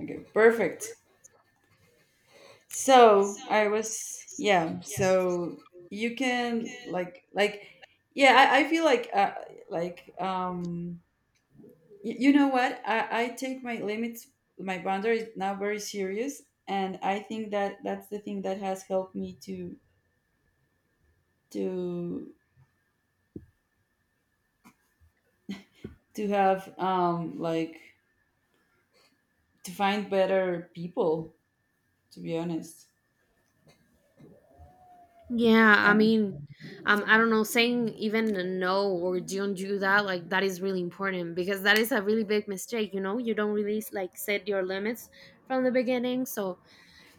Okay, perfect. So I was, yeah. So you can I feel like, y- you know what? I take my limits, my boundaries now very serious, and I think that that's the thing that has helped me to to to have to find better people. To be honest. Yeah, I And mean, I don't know, saying even a no or don't do that, like that is really important because that is a really big mistake, you know? You don't really like set your limits from the beginning. So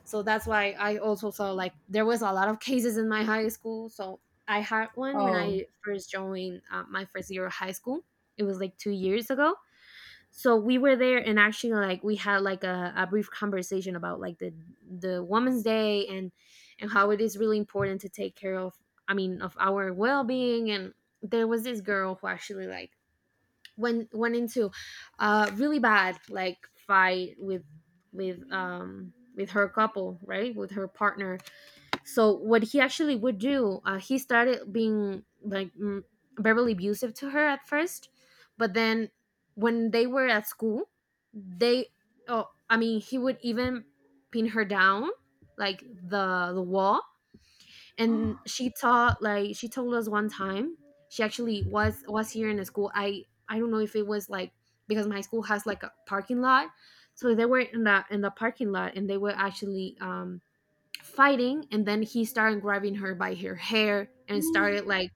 so that's why I also saw like there was a lot of cases in my high school. So I had one when oh. I first joined my first year of high school. It was like 2 years ago so we were there, and actually like we had like a brief conversation about like the Women's day, and how it is really important to take care of of our well-being. And there was this girl who actually like went into a really bad like fight with with her couple, right, with her partner. So what he actually would do, he started being like verbally abusive to her at first, but then when they were at school, they he would even pin her down like the wall. And she taught, like she told us one time, she actually was here in the school. I don't know if it was like because my school has like a parking lot, so they were in the parking lot and they were actually fighting, and then he started grabbing her by her hair and started like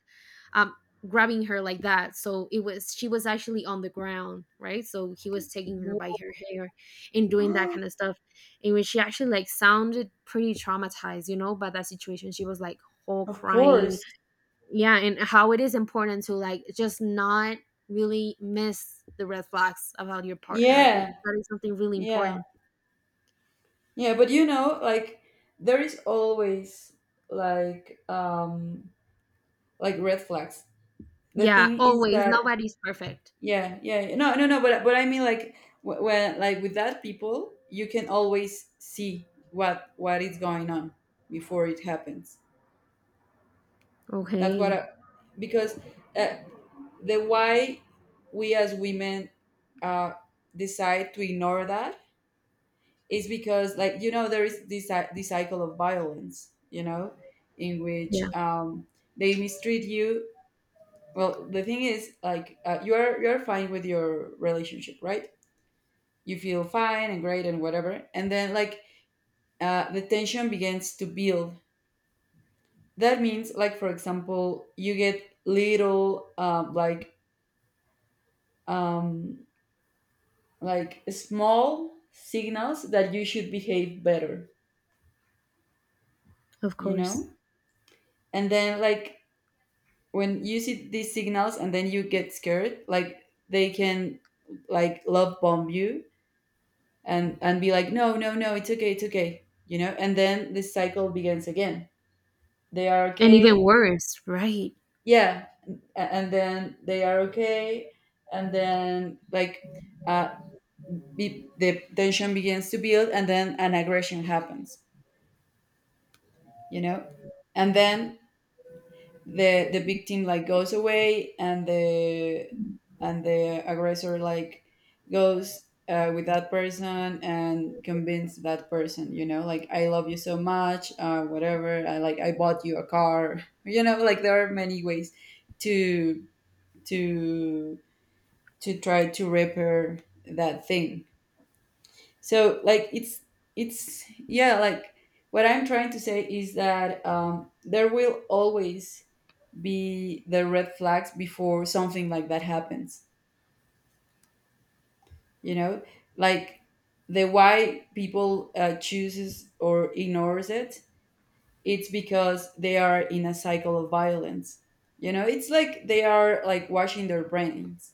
um grabbing her like that. So it was, she was actually on the ground, right, so he was taking her by her hair and doing that kind of stuff. And when she actually like sounded pretty traumatized, you know, by that situation, she was like whole Of crying. course. Yeah, and how it is important to like just not really miss the red flags about your partner, it, Yeah. that is something really Yeah. important. Yeah, but you know, like there is always like um like red flags. The Yeah, thing is always, that nobody's perfect. yeah, yeah, yeah. No, no, no, but I mean, like when, like with that people, you can always see what is going on before it happens. Not what Okay. I, because uh, the why we as women uh decide to ignore that is because, like, you know, there is this this cycle of violence, you know, in Yeah. which they mistreat you. Well, the thing is like, you're fine with your relationship, right? You feel fine and great and whatever, and then, like, the tension begins to build. That means, like, for example, you get little, um, like um, like small signals that you should behave better, Of you course. know. And then, like, when you see these signals and then you get scared, like they can like love bomb you, and be like, no, no, no, it's okay, it's okay, you know. And then this cycle begins again. They are And even okay. worse, right? Yeah. And then they are okay, and then, like, uh the tension begins to build and then an aggression happens, you know. And then the victim, like, goes away, and the aggressor, like, goes with that person and convince that person, you know, like, I love you so much, whatever, I like, I bought you a car, you know, like there are many ways to to to try to repair that thing. So like it's yeah, like what I'm trying to say is that, there will always be the red flags before something like that happens, you know. Like, the why people chooses or ignores it, it's because they are in a cycle of violence, you know. It's like they are, like, washing their brains.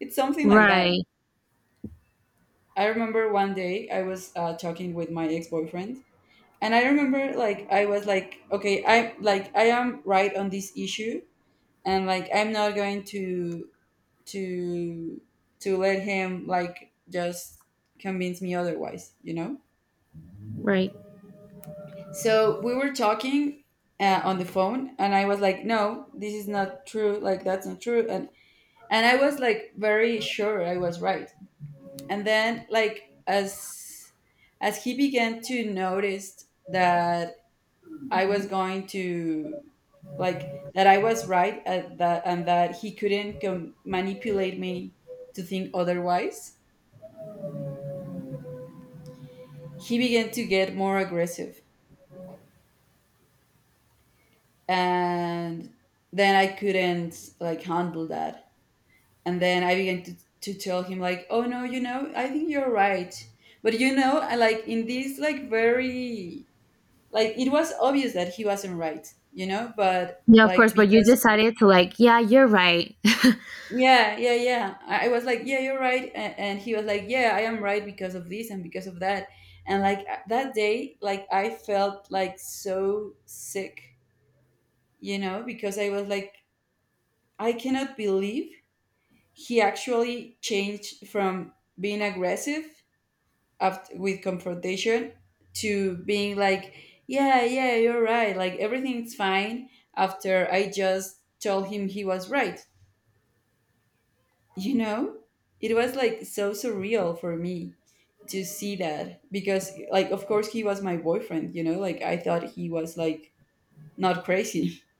It's something like that. Right. I remember one day I was talking with my ex-boyfriend, and I remember, like, I was like, okay, I am right on this issue, and like I'm not going to to to let him like just convince me otherwise, you know. Right. So we were talking on the phone, and I was like, no, this is not true, like that's not true. And I was, like, very sure I was right. And then, like, as he began to notice that I was going to, like, that I was right at that and that he couldn't manipulate me to think otherwise, he began to get more aggressive. And then I couldn't, like, handle that. And then I began to tell him, like, oh no, you know, I think you're right. But you know, like, in this, like, very, like, it was obvious that he wasn't right, you know, but Yeah, of like course, but you because decided to like, yeah, you're right. yeah, yeah, yeah, I was like, yeah, you're right. And he was like, yeah, I am right because of this and because of that. And like that day, like I felt like so sick, you know, because I was like, I cannot believe he actually changed from being aggressive after, with confrontation, to being like, yeah, yeah, you're right. Like everything's fine after I just told him he was right. You know, it was like so surreal for me to see that because, like, of course, he was my boyfriend, you know, like I thought he was, like, not crazy.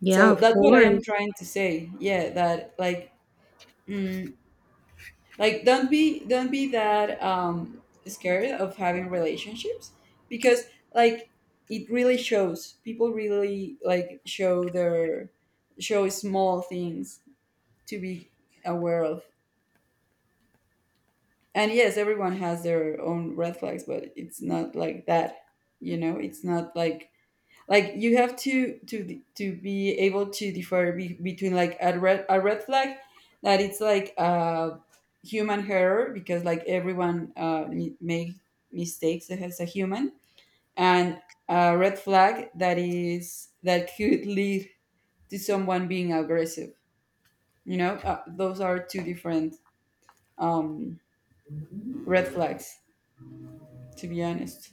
Yeah, So of that's what I am course. trying to say. Yeah, that mm, don't be that scared of having relationships because like it really shows, people really like show their show small things to be aware of. And yes, everyone has their own red flags, but it's not like that, you know. It's not like, like you have to to be able to differ between like a red flag that it's like a human error, because like everyone make mistakes as a human, and a red flag that is, that could lead to someone being aggressive, you know. Those are two different um red flags, to be honest.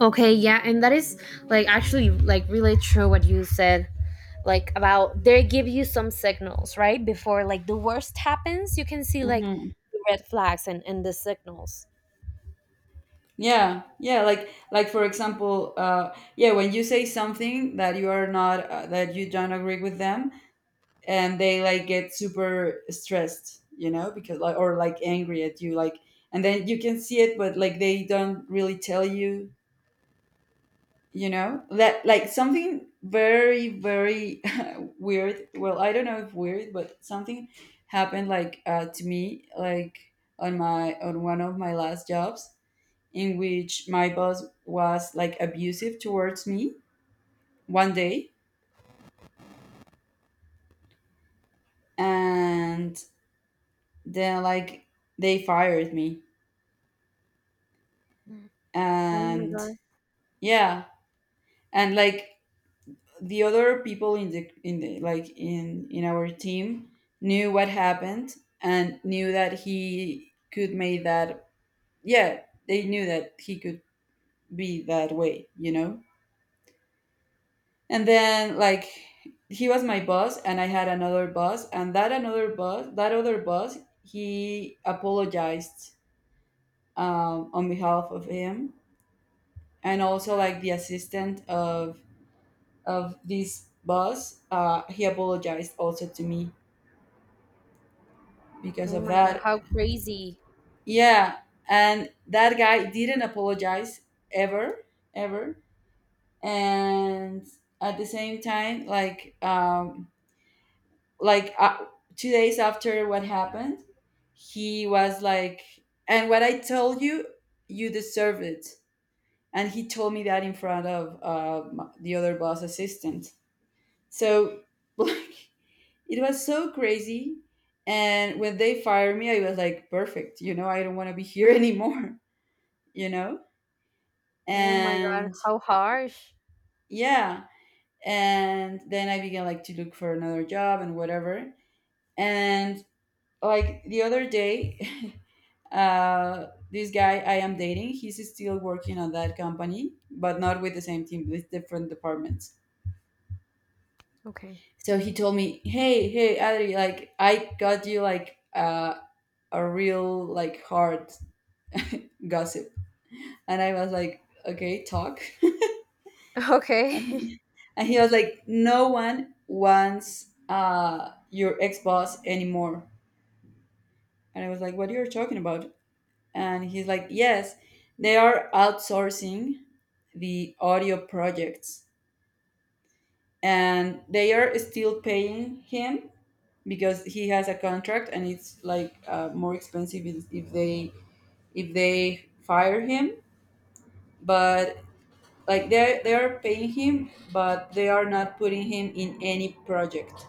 Okay, yeah, and that is like actually like really true what you said, like about they give you some signals, right? Before like the worst happens, you can see like the red flags and the signals. Yeah, yeah, like for example, yeah, when you say something that you are not, that you don't agree with them, and they like get super stressed, you know, because like, or like angry at you, like, and then you can see it, but like they don't really tell you, you know? That like something very, very weird. Well, I don't know if weird, but something happened like to me, like on my, on one of my last jobs, in which my boss was like abusive towards me one day. And then, like, they fired me. Oh my And god. yeah. And like the other people in the like in our team knew what happened, and knew that he could make that. Yeah. They knew that he could be that way, you know. And then like, he was my boss and I had another boss, and that another boss, that other boss he apologized on behalf of him. And also like the assistant of this boss, he apologized also to me because Oh of my god, that. how crazy. Yeah. And that guy didn't apologize, ever. Ever. And at the same time like, like uh, two days after what happened, he was like, "And what I told you, you deserve it." And he told me that in front of, the other boss assistant. So like it was so crazy. And when they fired me, I was like, "Perfect, you know, I don't want to be here anymore," you know. Oh my god, And how harsh. yeah, and then I began like to look for another job and whatever. And like the other day, this guy I am dating, he's still working on that company, but not with the same team, with different departments. Okay. So he told me, "Hey, hey, Adri, like I got you like, a real like hard gossip," and I was like, "Okay, talk." Okay. and and he was like, "No one wants, your ex boss anymore." And I was like, "What are you talking about?" And he's like, "Yes, they are outsourcing the audio projects, and they are still paying him because he has a contract, and it's like, more expensive if they fire him. But like they are paying him, but they are not putting him in any project.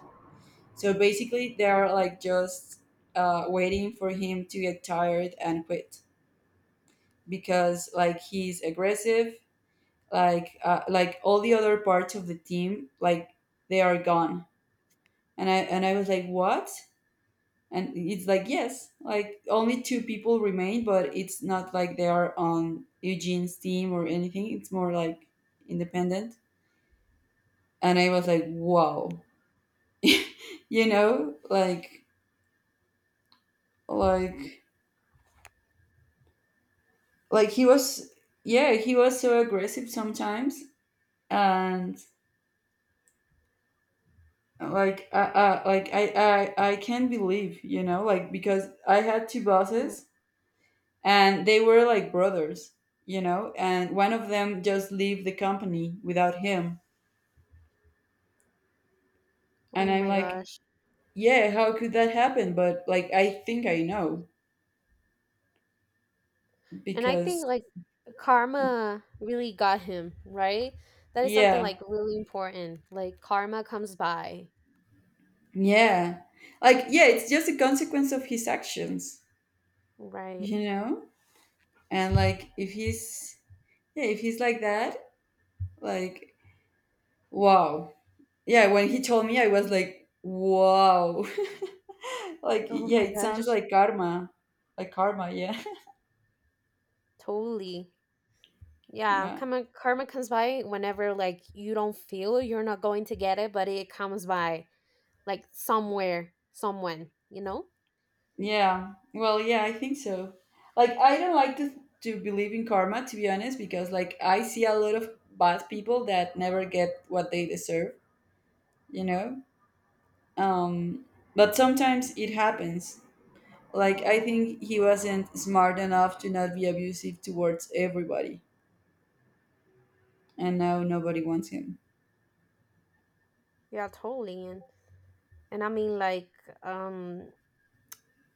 So basically they are like just, waiting for him to get tired and quit, because like he's aggressive, like, like all the other parts of the team, like they are gone." And I was like, what? And it's like, yes, like only two people remain, but it's not like they are on Eugene's team or anything, it's more like independent. And I was like, wow, you know, like, like like he was, yeah, he was so aggressive sometimes. And like, like I can't believe, you know, like because I had two Yeah. bosses, and they were like brothers, you know, and one of them just leave the company without him. And Oh I'm my like, gosh. yeah, how could that happen? But like, I think I know And I because, think like karma really got him, right? That is something yeah, like really important. Like karma comes by, yeah. Like, yeah, it's just a consequence of his actions, right? you know? And like, if he's, yeah, if he's like that, like, wow. Yeah, when he told me, I was like, wow. Like, Oh yeah, my it sounds gosh, like karma. Like karma, yeah. totally. Yeah, Yeah. karma comes by whenever like you don't feel, you're not going to get it, but it comes by like somewhere, someone, you know? Yeah. Well, yeah, I think so. Like, I don't like to believe in karma, to be honest, because, like, I see a lot of bad people that never get what they deserve, you know? Um, but sometimes it happens. Like, I think he wasn't smart enough to not be abusive towards everybody, and now nobody wants him. Yeah, totally. And I mean like um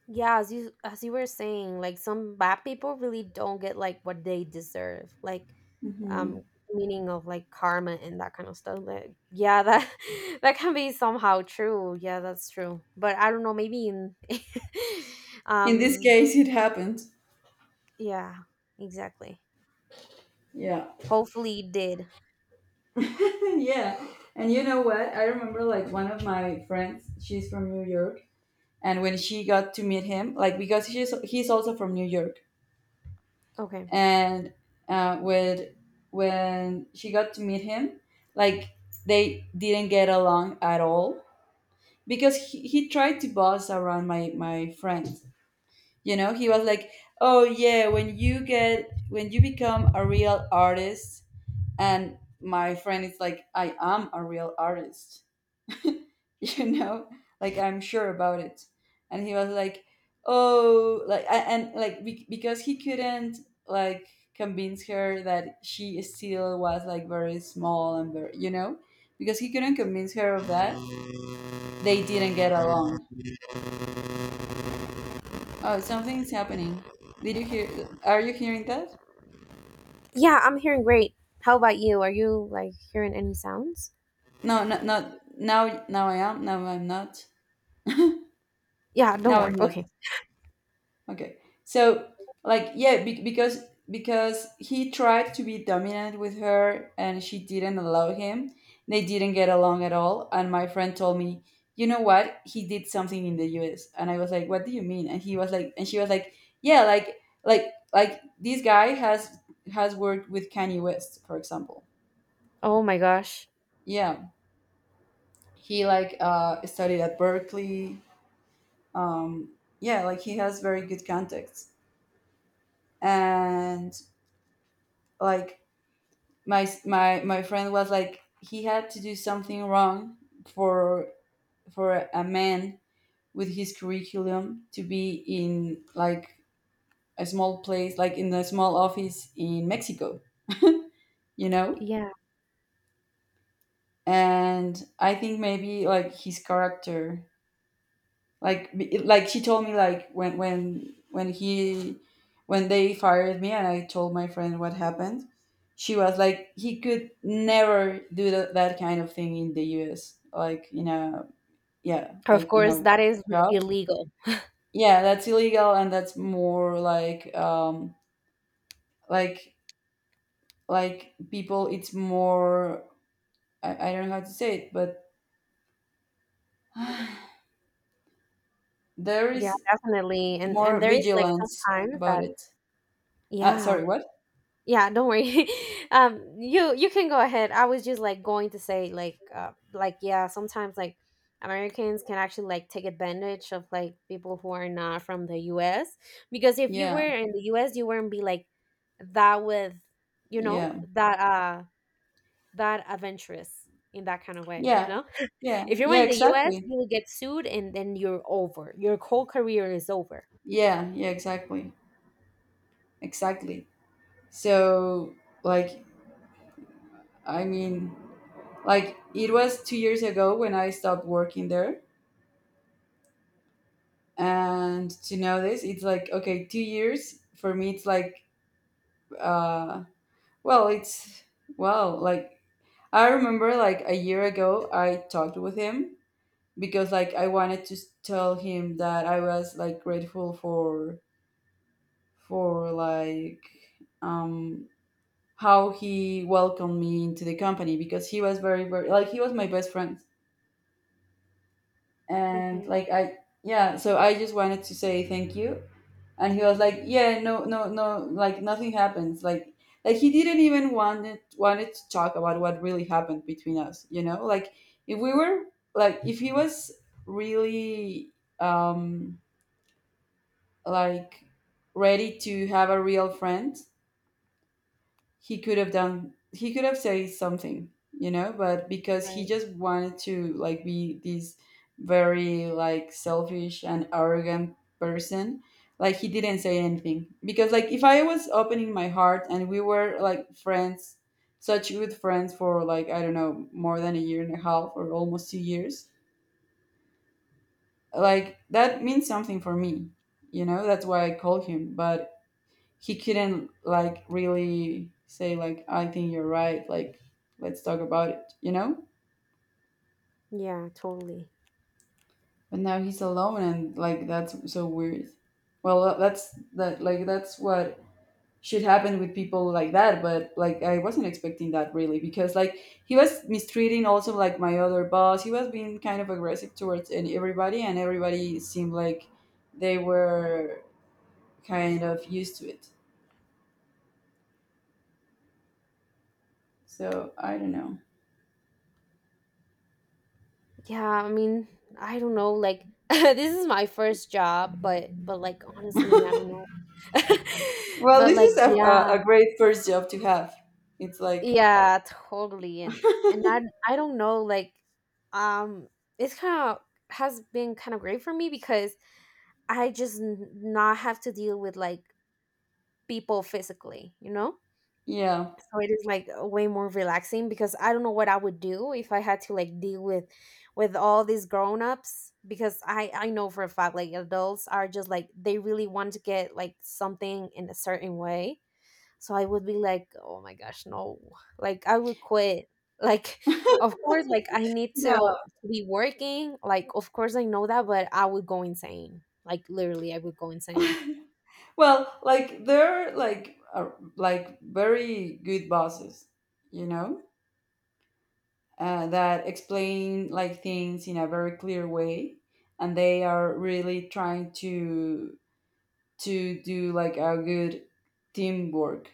yeah, as you were saying, like some bad people really don't get like what they deserve, like Hmm. um meaning of like karma and that kind of stuff, like yeah, that that can be somehow true, yeah, that's true, but I don't know, maybe in In this um case, it happened. yeah, exactly. Yeah. Hopefully it did. Yeah. And you know what? I remember, like, one of my friends, she's from New York, and when she got to meet him, like, because he's also from New York Okay. and with when she got to meet him, like, they didn't get along at all because he tried to boss around my friend. You know, he was like, oh yeah, when you get, when you become a real artist. And my friend is like, I am a real artist. You know, like, I'm sure about it. And he was like, oh, like a- and like because he couldn't, like, convince her that she still was, like, very small and very, you know, because he couldn't convince her of that, they didn't get along. Oh, something's happening. Did you hear, are you hearing that? Yeah, I'm hearing great. How about you, are you like hearing any sounds? No, no, not now. Now I am. Now I'm not. Now Yeah, don't worry. I'm not. Okay. Okay. So, like, yeah, because he tried to be dominant with her and she didn't allow him. They didn't get along at all. And my friend told me, you know what? He did something in the U.S. And I was like, what do you mean? And he was like, and she was like, yeah, like this guy has worked with Kanye West, for example. Oh my gosh. Yeah, he, like, studied at Berkeley. Um, yeah, like he has very good contacts and, like, my friend was like, he had to do something wrong for for a man with his curriculum to be in, like, a small place, like in a small office in Mexico, you know. Yeah, And I think maybe, like, his character, like like she told me, like, when when he, when they fired me and I told my friend what happened, she was like, he could never do that, that kind of thing in the US, like, you know. Yeah, of like, you course know, that is job. illegal. Yeah, that's illegal, and that's more like, like like people, it's more, I don't know how to say it, but there Yeah, is definitely. And more there is like vigilance sometimes about that it. Yeah. Sorry, what? Yeah, don't worry. You you can go ahead. I was just like going to say like yeah, sometimes like Americans can actually like take advantage of like people who are not from the US, because if you Yeah, were in the US, you wouldn't be like that with, you know, yeah. that that adventurous in that kind of way, you Yeah. know? Yeah. If you were Yeah, in the US, exactly. you will get sued and then you're over. Your whole career is over. Yeah, yeah, exactly. Exactly. So, like, I mean, like, it was 2 years ago when I stopped working there, and to know this, it's like, okay, 2 years for me, it's like, uh well, it's, well, like, I remember, like, a year ago I talked with him because, like, I wanted to tell him that I was, like, grateful for, like, um how he welcomed me into the company, because he was very very like, he was my best friend, and Okay. like I, yeah, so I just wanted to say thank you. And he was like, yeah, no, no, no, like nothing happens, like he didn't even wanted to talk about what really happened between us, you know, like, if we were, like, if he was really, um like, ready to have a real friend, he could have done, he could have said something, you know, but because he Right. just wanted to, like, be this very, like, selfish and arrogant person, like, he didn't say anything. Because, like, if I was opening my heart and we were like friends, such good friends for, like, I don't know, more than a year and a half or almost 2 years, like, that means something for me, you know. That's why I called him, but he couldn't, like, really say like, I think you're right, like, let's talk about it, you know? Yeah, totally. But now he's alone, and, like, that's so weird. Well, that's, that like, that's what should happen with people like that, but like, I wasn't expecting that really because, like, he was mistreating also, like, my other boss. He was being kind of aggressive towards and everybody, and everybody seemed like they were kind of used to it. So, I don't know. Yeah, I mean, I don't know, like this is my first job, but like honestly, I don't know. Well, But this like is yeah, a great first job to have. It's like, yeah, totally. And I don't know, like um it's kind of, has been kind of great for me because I just n- not have to deal with like people physically, you know? yeah. So it is like way more relaxing, because I don't know what I would do if I had to like deal with all these grown-ups, because i know for a fact like adults are just like they really want to get like something in a certain way, so I would be like oh my gosh no, like I would quit, like of course like I need Yeah. to be working, like of course I know that, but I would go insane, like literally I would go insane. Well, like they're like, are like very good bosses, you know, that explain, like, things in a very clear way, and they are really trying to do, like, a good teamwork.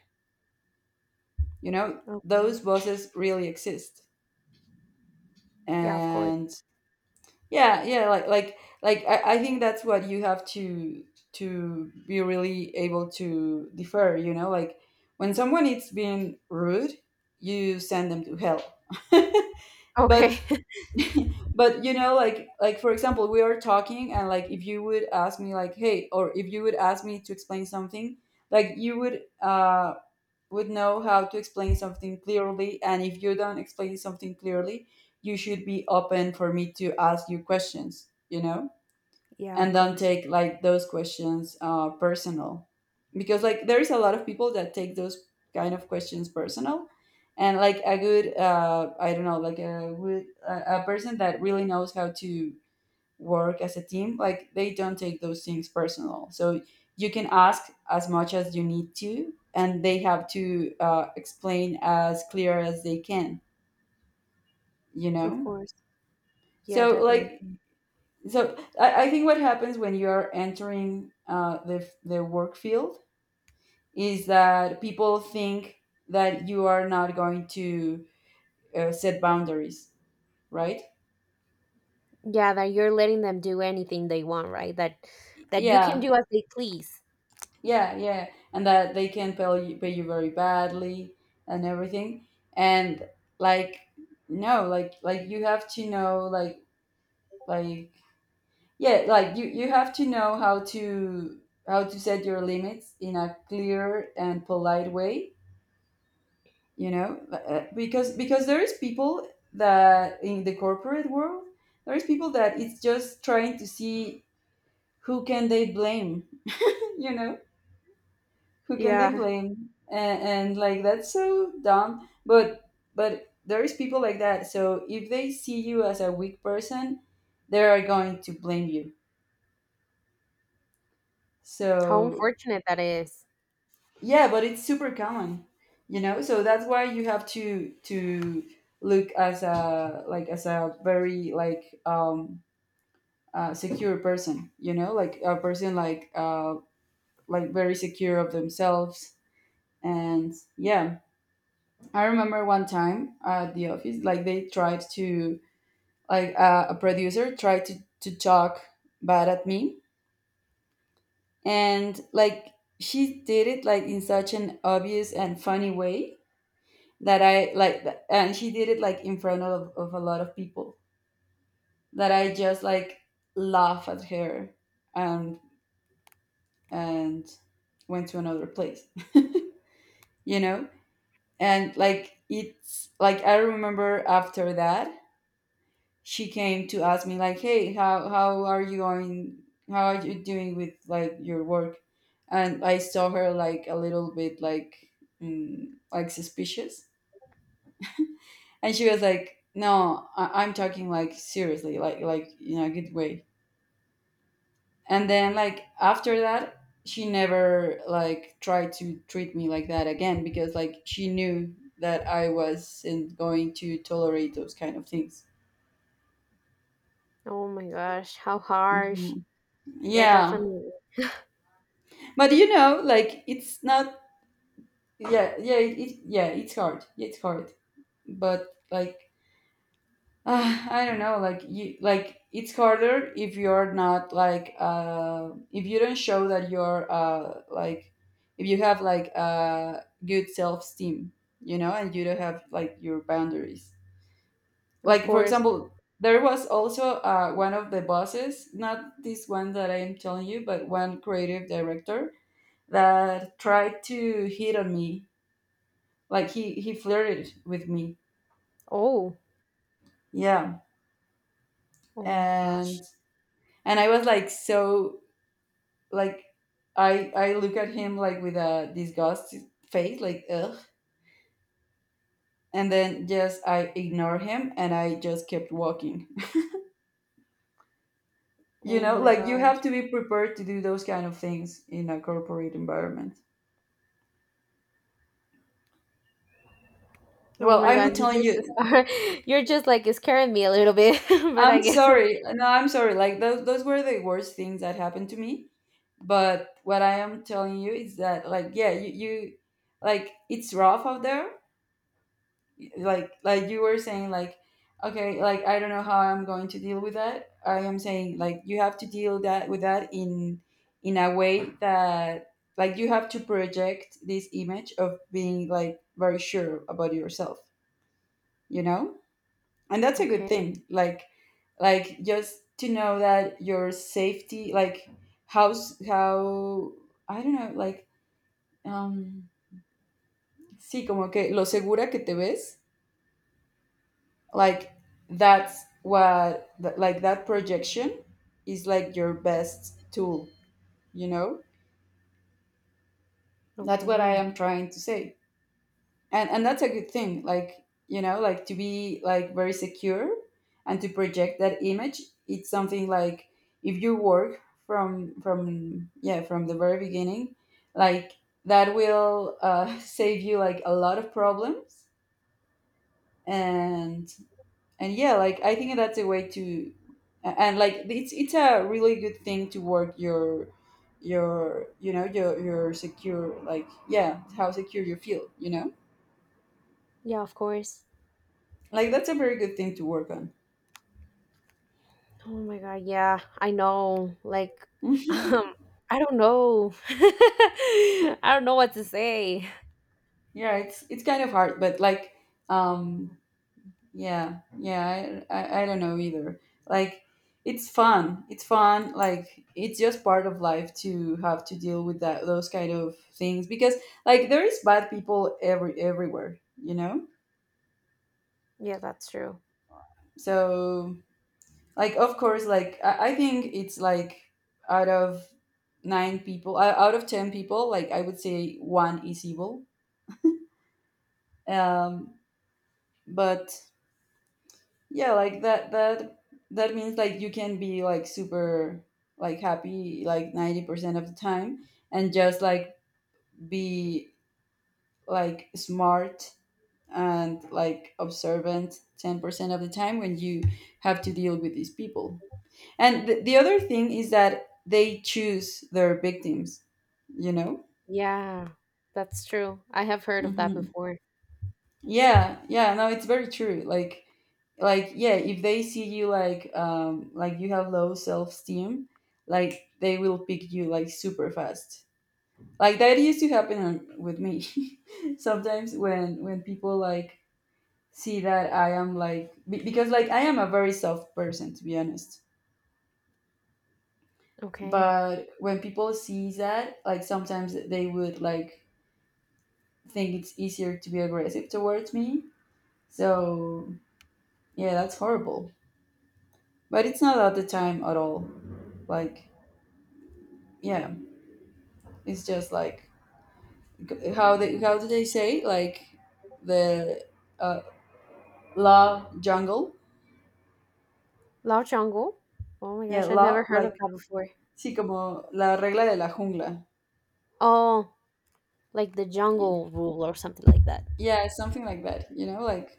You know, those Okay. bosses really exist, Yeah, of course. and yeah, yeah, like like, I think that's what you have to be really able to defer, you know, like, when someone is being rude, you send them to hell. but Okay. but, you know, like for example, we are talking, and like if you would ask me like, hey, or if you would ask me to explain something, like, you would know how to explain something clearly. And if you don't explain something clearly, you should be open for me to ask you questions, you know. Yeah, And of don't course. take, like, those questions, personal, because, like, there's a lot of people that take those kind of questions personal. And, like, a good I don't know, like a, good- a person that really knows how to work as a team, like, they don't take those things personal. So you can ask as much as you need to, and they have to, explain as clear as they can, you Of know. course. Yeah, So, like, definitely. so I think what happens when you are entering the work field is that people think that you are not going to, set boundaries, right? Yeah, that you're letting them do anything they want, right? That that you can Yeah, do as they please. yeah, yeah. And that they can pay you very badly, and everything. And, like, no, like, like you have to know, like, yeah, like you have to know how to, how to set your limits in a clear and polite way, you know. Because there is people that in the corporate world, there is people that it's just trying to see who can they blame. You know, who can they Yeah. blame. And, like, that's so dumb. But there is people like that, so if they see you as a weak person, they are going to blame you. How So, unfortunate that is. yeah, but it's super common, you know. So that's why you have to look as a, like as a very like, secure person, you know, like a person like, like, very secure of themselves. And yeah, I remember one time at the office, like they tried to, like, a producer tried to talk bad at me. And, like, she did it like in such an obvious and funny way that I like, and she did it like in front of a lot of people, that I just, like, laugh at her and and went to another place. You know, and like it's like, I remember after that, she came to ask me, like, hey, how are you going? How are you doing with, like, your work? And I saw her like a little bit, like, mm, like suspicious. And she was like, "No, I'm talking like seriously, like in a good way." And then, like, after that, she never, like, tried to treat me like that again, because, like, she knew that I wasn't going to tolerate those kind of things. Oh my gosh, how harsh. Hmm. Yeah, Yeah, definitely. but you know, like, it's not. Yeah, yeah, it, yeah. It's hard. Yeah, it's hard, but like, I don't know, like you, like, it's harder if you're not like, if you don't show that you're, like, if you have like, good self esteem, you know, and you don't have, like, your boundaries. Of Like, for course. example, there was also, one of the bosses, not this one that I am telling you, but one creative director that tried to hit on me. Like, he flirted with me, Oh, yeah, oh my and gosh. and I was like, so, like, I look at him like with a disgust face, like, ugh. And then just I ignore him and I just kept walking. You Oh know, my like you have gosh. to be prepared to do those kind of things in a corporate environment. Oh Well, my I'm gosh. not You telling just you. you're just like scaring me a little bit, but I I'm guess. sorry. No, I'm sorry. Like, those were the worst things that happened to me. But what I am telling you is that like, you like it's rough out there, like you were saying like okay like I don't know how I'm going to deal with that. I am saying like you have to deal that with that in a way that like you have to project this image of being like very sure about yourself, you know, and that's a good Okay. thing. Like just to know that your safety like how I don't know like um sí como que lo segura que te ves, like that's like that projection is like your best tool, you know. That's what I Okay. am trying to say. And that's a good thing, like you know, like to be like very secure and to project that image. It's something like if you work from yeah, from the very beginning like that will save you like a lot of problems. and and yeah, like I think that's a way to. And like it's a really good thing to work your you know, your secure, like yeah, how secure you feel, you know, Yeah, of course. like that's a very good thing to work on. Oh my God, yeah, I know. Like, um, I don't know. I don't know what to say. Yeah, it's kind of hard, but like um yeah, yeah, I don't know either. Like it's fun, it's fun, like it's just part of life to have to deal with that, those kind of things, because like there is bad people everywhere, you know. Yeah, that's true. So like of course, like I think it's like out of nine people out of ten people, like I would say one is evil. um but yeah, like that that means like you can be like super, like happy like 90% of the time and just like be like smart and like observant 10% of the time when you have to deal with these people. And the other thing is that they choose their victims, you know? Yeah, that's true. I have heard of that Hmm. before. Yeah, yeah, no, it's very true. Like yeah, if they see you like you have low self esteem, like they will pick you like super fast. Like that used to happen with me. Sometimes when people like see that I am like because like I am a very soft person to be honest. Okay. But when people see that, like sometimes they would like think it's easier to be aggressive towards me. So yeah, that's horrible. But it's not at the time at all. Like yeah, it's just like how they, how do they say, like the uh, la jungle? Lao Jungle? Oh my Yeah, gosh, I never la heard of like that before. sí como la regla de la jungla. Oh, like the Y- jungle rule or something like that. Yeah, something like that. You know,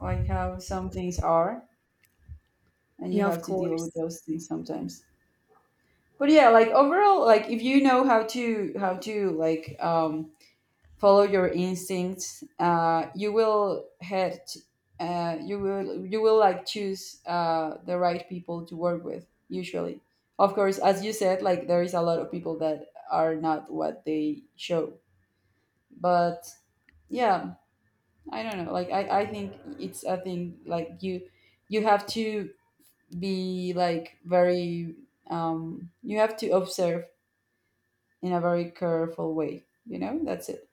like how some things are, and you Yeah, have of to deal with course. those things sometimes. But yeah, like overall, like if you know how to like follow your instincts, you will you will you will like choose the right people to work with usually. Of course, as you said, like there is a lot of people that are not what they show, but yeah, I don't know. Like I think it's a thing like you have to be like very you have to observe in a very careful way, you know. That's it.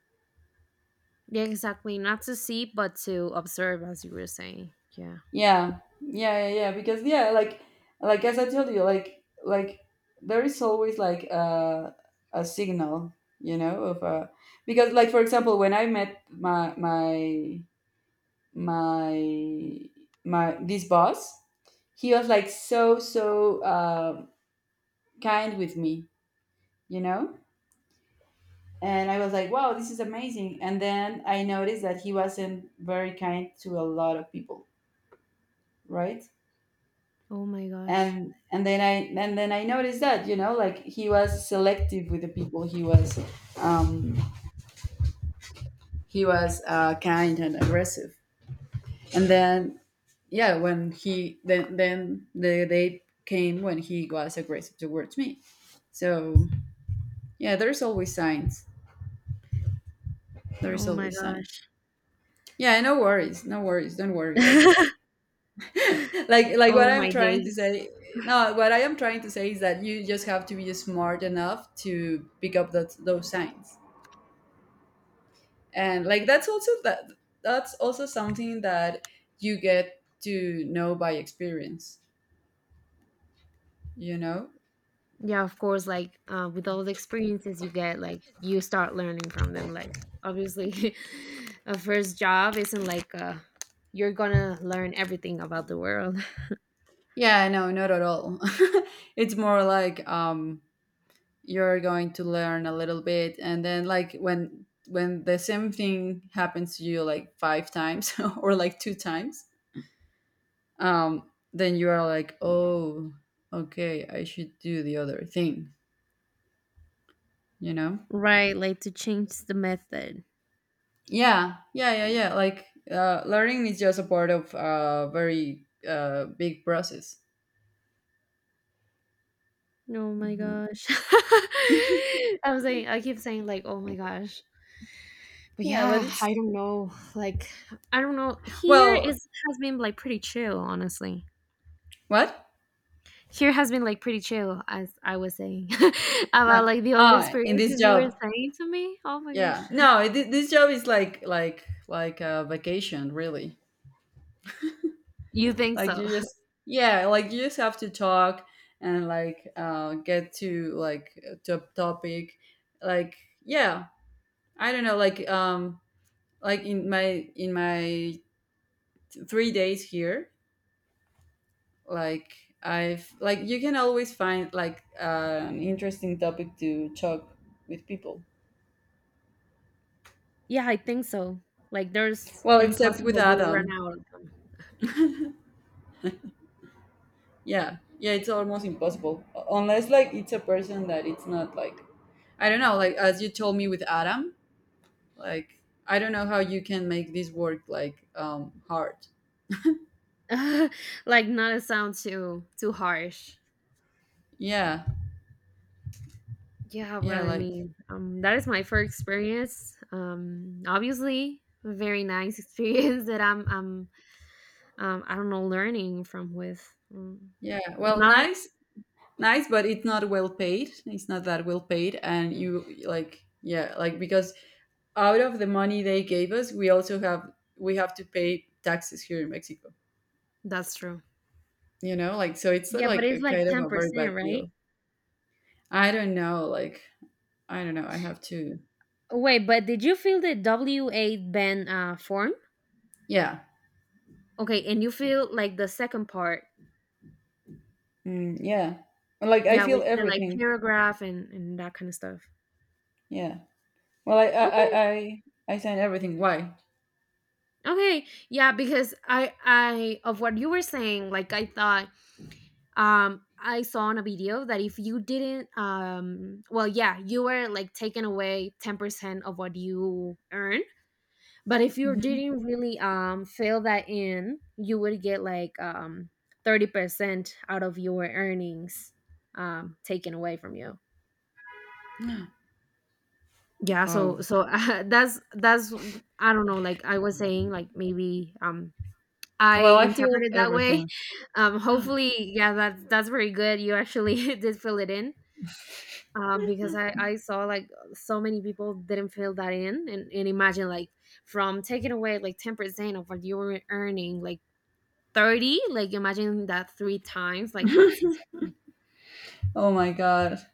Yeah, exactly. Not to see, but to observe, as you were saying. Yeah. Yeah, yeah, yeah, yeah. Because yeah, like as I told you, like there is always like a signal, you know, of a. Because like for example, when I met my my this boss, he was like so so kind with me, you know. And I was like, wow, this is amazing. And then I noticed that he wasn't very kind to a lot of people, right? Oh my gosh. And then I noticed that, you know, like he was selective with the people um he was kind and aggressive. And then yeah, when he then the day came when he was aggressive towards me. So yeah, there's always signs. There's Oh my always signs. gosh. Yeah, no worries, no worries, don't worry, like like what Oh I'm my trying to days. say. No, what I am trying to say is that you just have to be smart enough to pick up that those signs. And like that's also that's also something that you get to know by experience, you know. Yeah, of course, like with all the experiences you get, like you start learning from them. Like obviously a first job isn't like you're gonna learn everything about the world. Yeah, no, not at all. It's more like you're going to learn a little bit and then like when the same thing happens to you like five times or like two times. um then you are like, oh, okay, I should do the other thing, you know. Right, like to change the method. Yeah, yeah, yeah, yeah. Like learning is just a part of a very big process. Oh my Hmm. gosh. I was saying, I keep saying like, oh my gosh. But Yeah, but yeah, it's I don't know. Like I don't know. Here well, is, has been like pretty chill, honestly. what? Here has been like pretty chill, as I was saying Ah, about like the old ah, in this experiences you were job, saying to me. Oh my gosh, yeah. No, it, this job is like a vacation, really. you think Like so? you just yeah, like you just have to talk and like get to like to a topic, like yeah. I don't know, like in my three days here like I've like you can always find like an interesting topic to talk with people. Yeah, I think so. Like there's Well, except with impossible you run Adam. out of Yeah, yeah, it's almost impossible. Unless like it's a person that it's not like I don't know, like as you told me with Adam. Like I don't know how you can make this work like hard. them. Like not to sound too too harsh. Yeah. Yeah, what Yeah, I like mean. That is my first experience. Obviously, a very nice experience that I'm I don't know, learning from with yeah, well, not nice. Nice but it's not well paid, it's not that well paid, and you like yeah, like because out of the money they gave us, we also have we have to pay taxes here in Mexico. that's true. You know, like so it's Yeah, but like a it's like kind of a very bad 10%, right? deal. I don't know, like I don't know. I have to, Wait, but did you feel the W8 band? Uh, form? yeah, Okay, and you feel like the second part. mm, yeah. Like I Yeah, feel which are like everything. paragraph and that kind of stuff. Yeah. Well, I I Okay. I I, I sign everything. Why? Okay. Yeah, because I of what you were saying, like I thought I saw on a video that if you didn't well yeah, you were like taken away 10% of what you earn. But if you Mhm. didn't really fill that in, you would get like 30% out of your earnings taken away from you. Yeah, Oh. so so that's I don't know. Like I was saying, like maybe I Well, I feel interpreted that way. everything. Hopefully, yeah, that that's very good. You actually did fill it in. Because I saw like so many people didn't fill that in, and imagine like from taking away like 10% of what you were earning, like 30, like imagine that three times, like that's Oh insane. my god.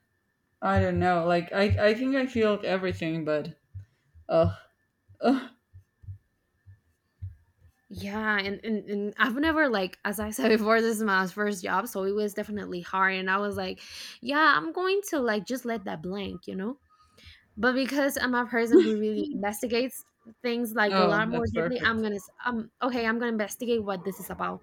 I don't know. Like I think I feel everything, but oh, oh, Yeah, and i've never like, as I said before, this is my first job, so it was definitely hard, and I was like yeah, I'm going to like just let that blank, you know, but because I'm a person who really investigates things like a oh lot more that's deeply, I'm perfect. gonna s- okay, I'm gonna investigate what this is about.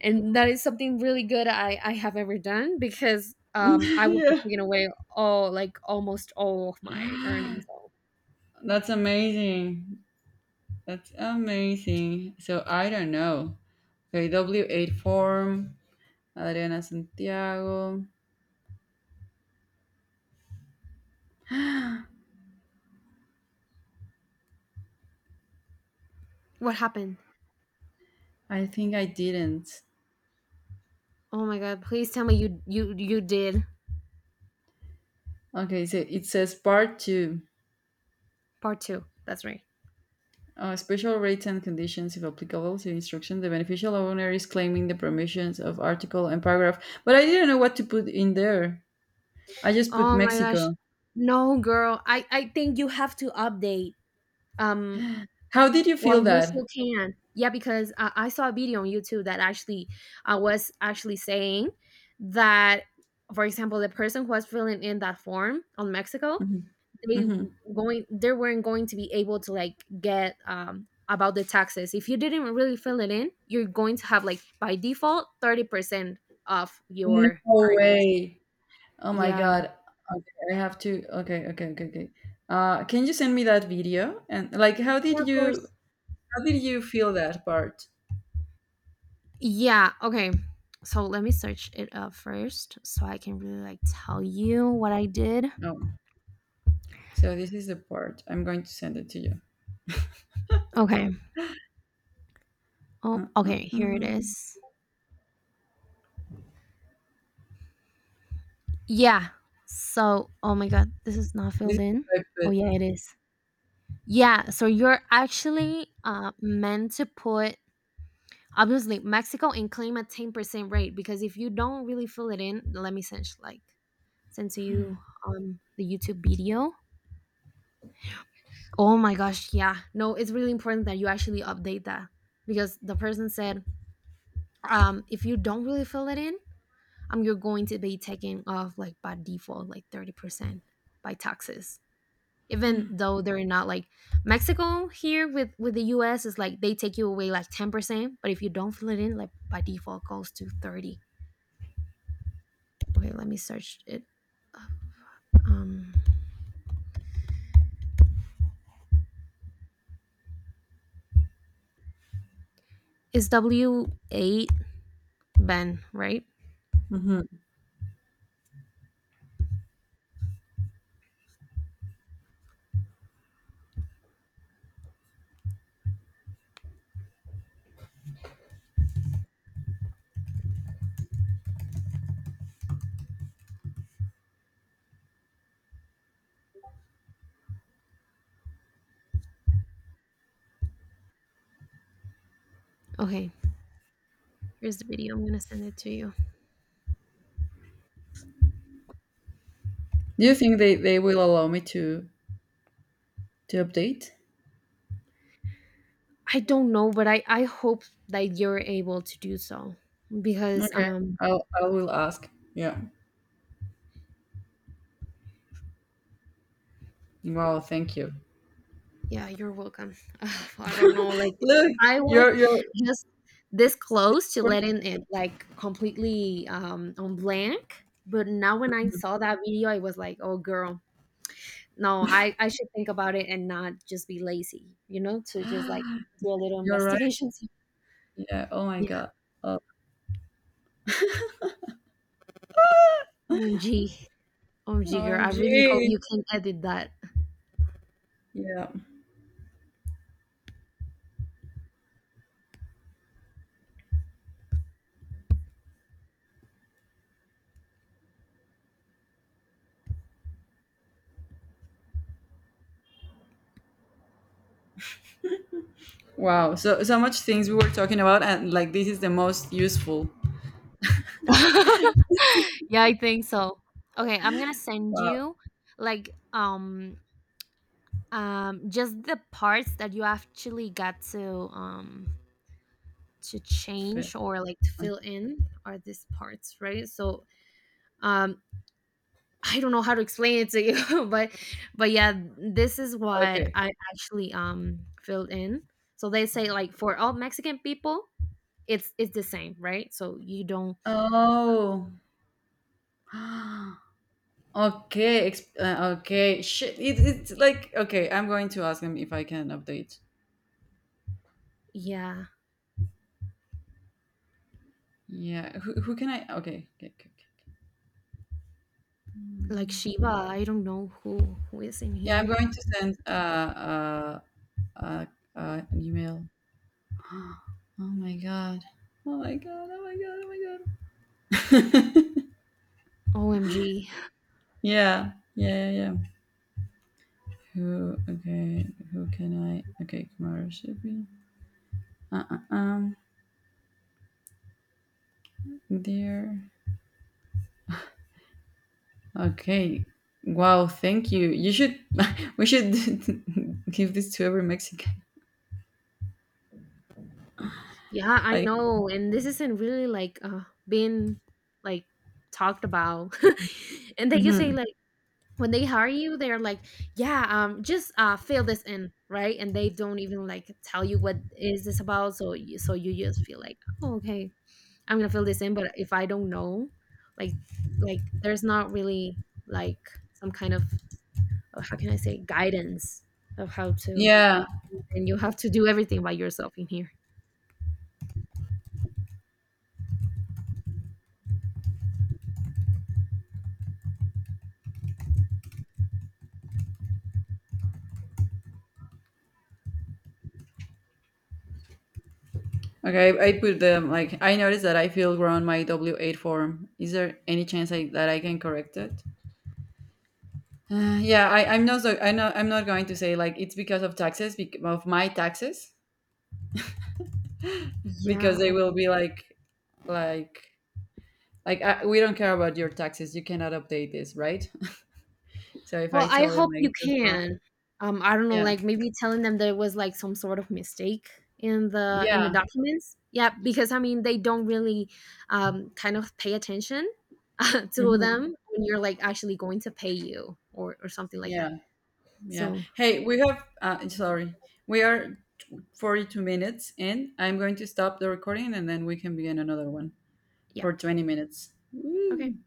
And that is something really good I have ever done, because I would be Yeah. taking away all, like almost all of my earnings, so That's amazing. That's amazing. So I don't know. Okay, W8 form, Adriana Santiago. I what happened. think I didn't. Oh my god, please tell me you you did Okay, so it says part two. part 2. That's right. Special rates and conditions, if applicable to instruction. The beneficial owner is claiming the permissions of article and paragraph. But I didn't know what to put in there. I just put Oh my gosh. Mexico. No, girl. I think you have to update um How did you while feel you still that? can. Yeah, because I saw a video on YouTube that actually I was actually saying that, for example, the person who was filling in that form on Mexico, Mhm, they mhm. going, they weren't going to be able to like get about the taxes. If you didn't really fill it in, you're going to have like by default 30% of No your earnings. way. Oh my Yeah. God. Okay, I have to. Okay, okay, okay, okay. Can you send me that video? And like, Yeah, of course. how did you feel that part? Yeah, okay, so let me search it up first, so I can really like tell you what I did. Oh, so this is the part. I'm going to send it to you. Okay. Oh Uh, uh, okay, here it uh. is. Yeah so, oh my god, this is not This filled is in. what I Oh put. yeah it is. Yeah, so you're actually meant to put obviously, Mexico, and claim a 10% rate, because if you don't really fill it in, let me send like send to you the YouTube video. Oh my gosh, yeah. No, it's really important that you actually update that, because the person said if you don't really fill it in, you're going to be taking off like by default like 30% by taxes. Even though they're not like Mexico here with the US is like they take you away like 10%, but if you don't fill it in like by default goes to 30. Okay, let me search it. Um, it's W8 Ben, right? Mhm. Okay, here's the video. I'm gonna send it to you. Do you think they will allow me to update? I don't know, but I hope that you're able to do so. Because Okay, I will ask. Yeah. Wow. Thank you. yeah, you're welcome. Ugh, I don't know, like Look, I was you're just this close to letting it like completely on blank, but now when I saw that video, I was like, oh girl, no, i should think about it and not just be lazy, you know, to just like do a little you're right. investigation. So, Yeah. Oh my yeah. God. Oh, Omg. Omg girl, I really hope OMG. you can edit that. Yeah. Wow. So so much things we were talking about, and like this is the most useful. Yeah, I think so. Okay, I'm gonna send Wow. you like just the parts that you actually got to Fe- change or like to fill in are these parts, right? So um I don't know how to explain it to you, but yeah, this is what Okay. I actually filled in. So they say like for all Mexican people, it's the same, right? So you don't, Oh. Okay. Okay. Shit. It's like okay. I'm going to ask him if I can update. yeah, Yeah. Who can I? Okay. Okay. Okay. Okay. like Shiva, I don't know who is in Yeah. I'm here. going to send uh uh an email. Oh my god. Oh my god. Oh my god. Oh my god. OMG. Yeah. Yeah. Yeah. Yeah. Who? Okay. Who can I? Okay, Kamara should be. Uh, uh, um. There. Okay. Wow. Thank you. You should. We should give this to every Mexican. Yeah, I Like. know. And this isn't really like being like talked about. And they just say Mhm. like when they hire you they're like yeah, just fill this in, right? And they don't even like tell you what is this about, so you just feel like oh okay, I'm gonna fill this in, but if I don't know, like like there's not really like some kind of how can I say, guidance of how to, Yeah. and you have to do everything by yourself in here. Okay. I, put them. Like I noticed that I feel wrong my W eight form. Is there any chance that I can correct it? Yeah. I'm not. So, I know. I'm not going to say like it's because of taxes. Because of my taxes. Because Yeah. they will be like like. Like, I, we don't care about your taxes. You cannot update this, right? So if I Well, I tell him hope like you that's wrong, can. I don't know, yeah, like maybe telling them there was like some sort of mistake in the yeah, documents. Yeah, because I mean they don't really kind of pay attention to mhm, them when you're like actually going to pay you or something like yeah, that. yeah. So, Hey, we have. Sorry, we are 42 minutes in. I'm going to stop the recording, and then we can begin another one yep. for 20 minutes. Okay. Woo.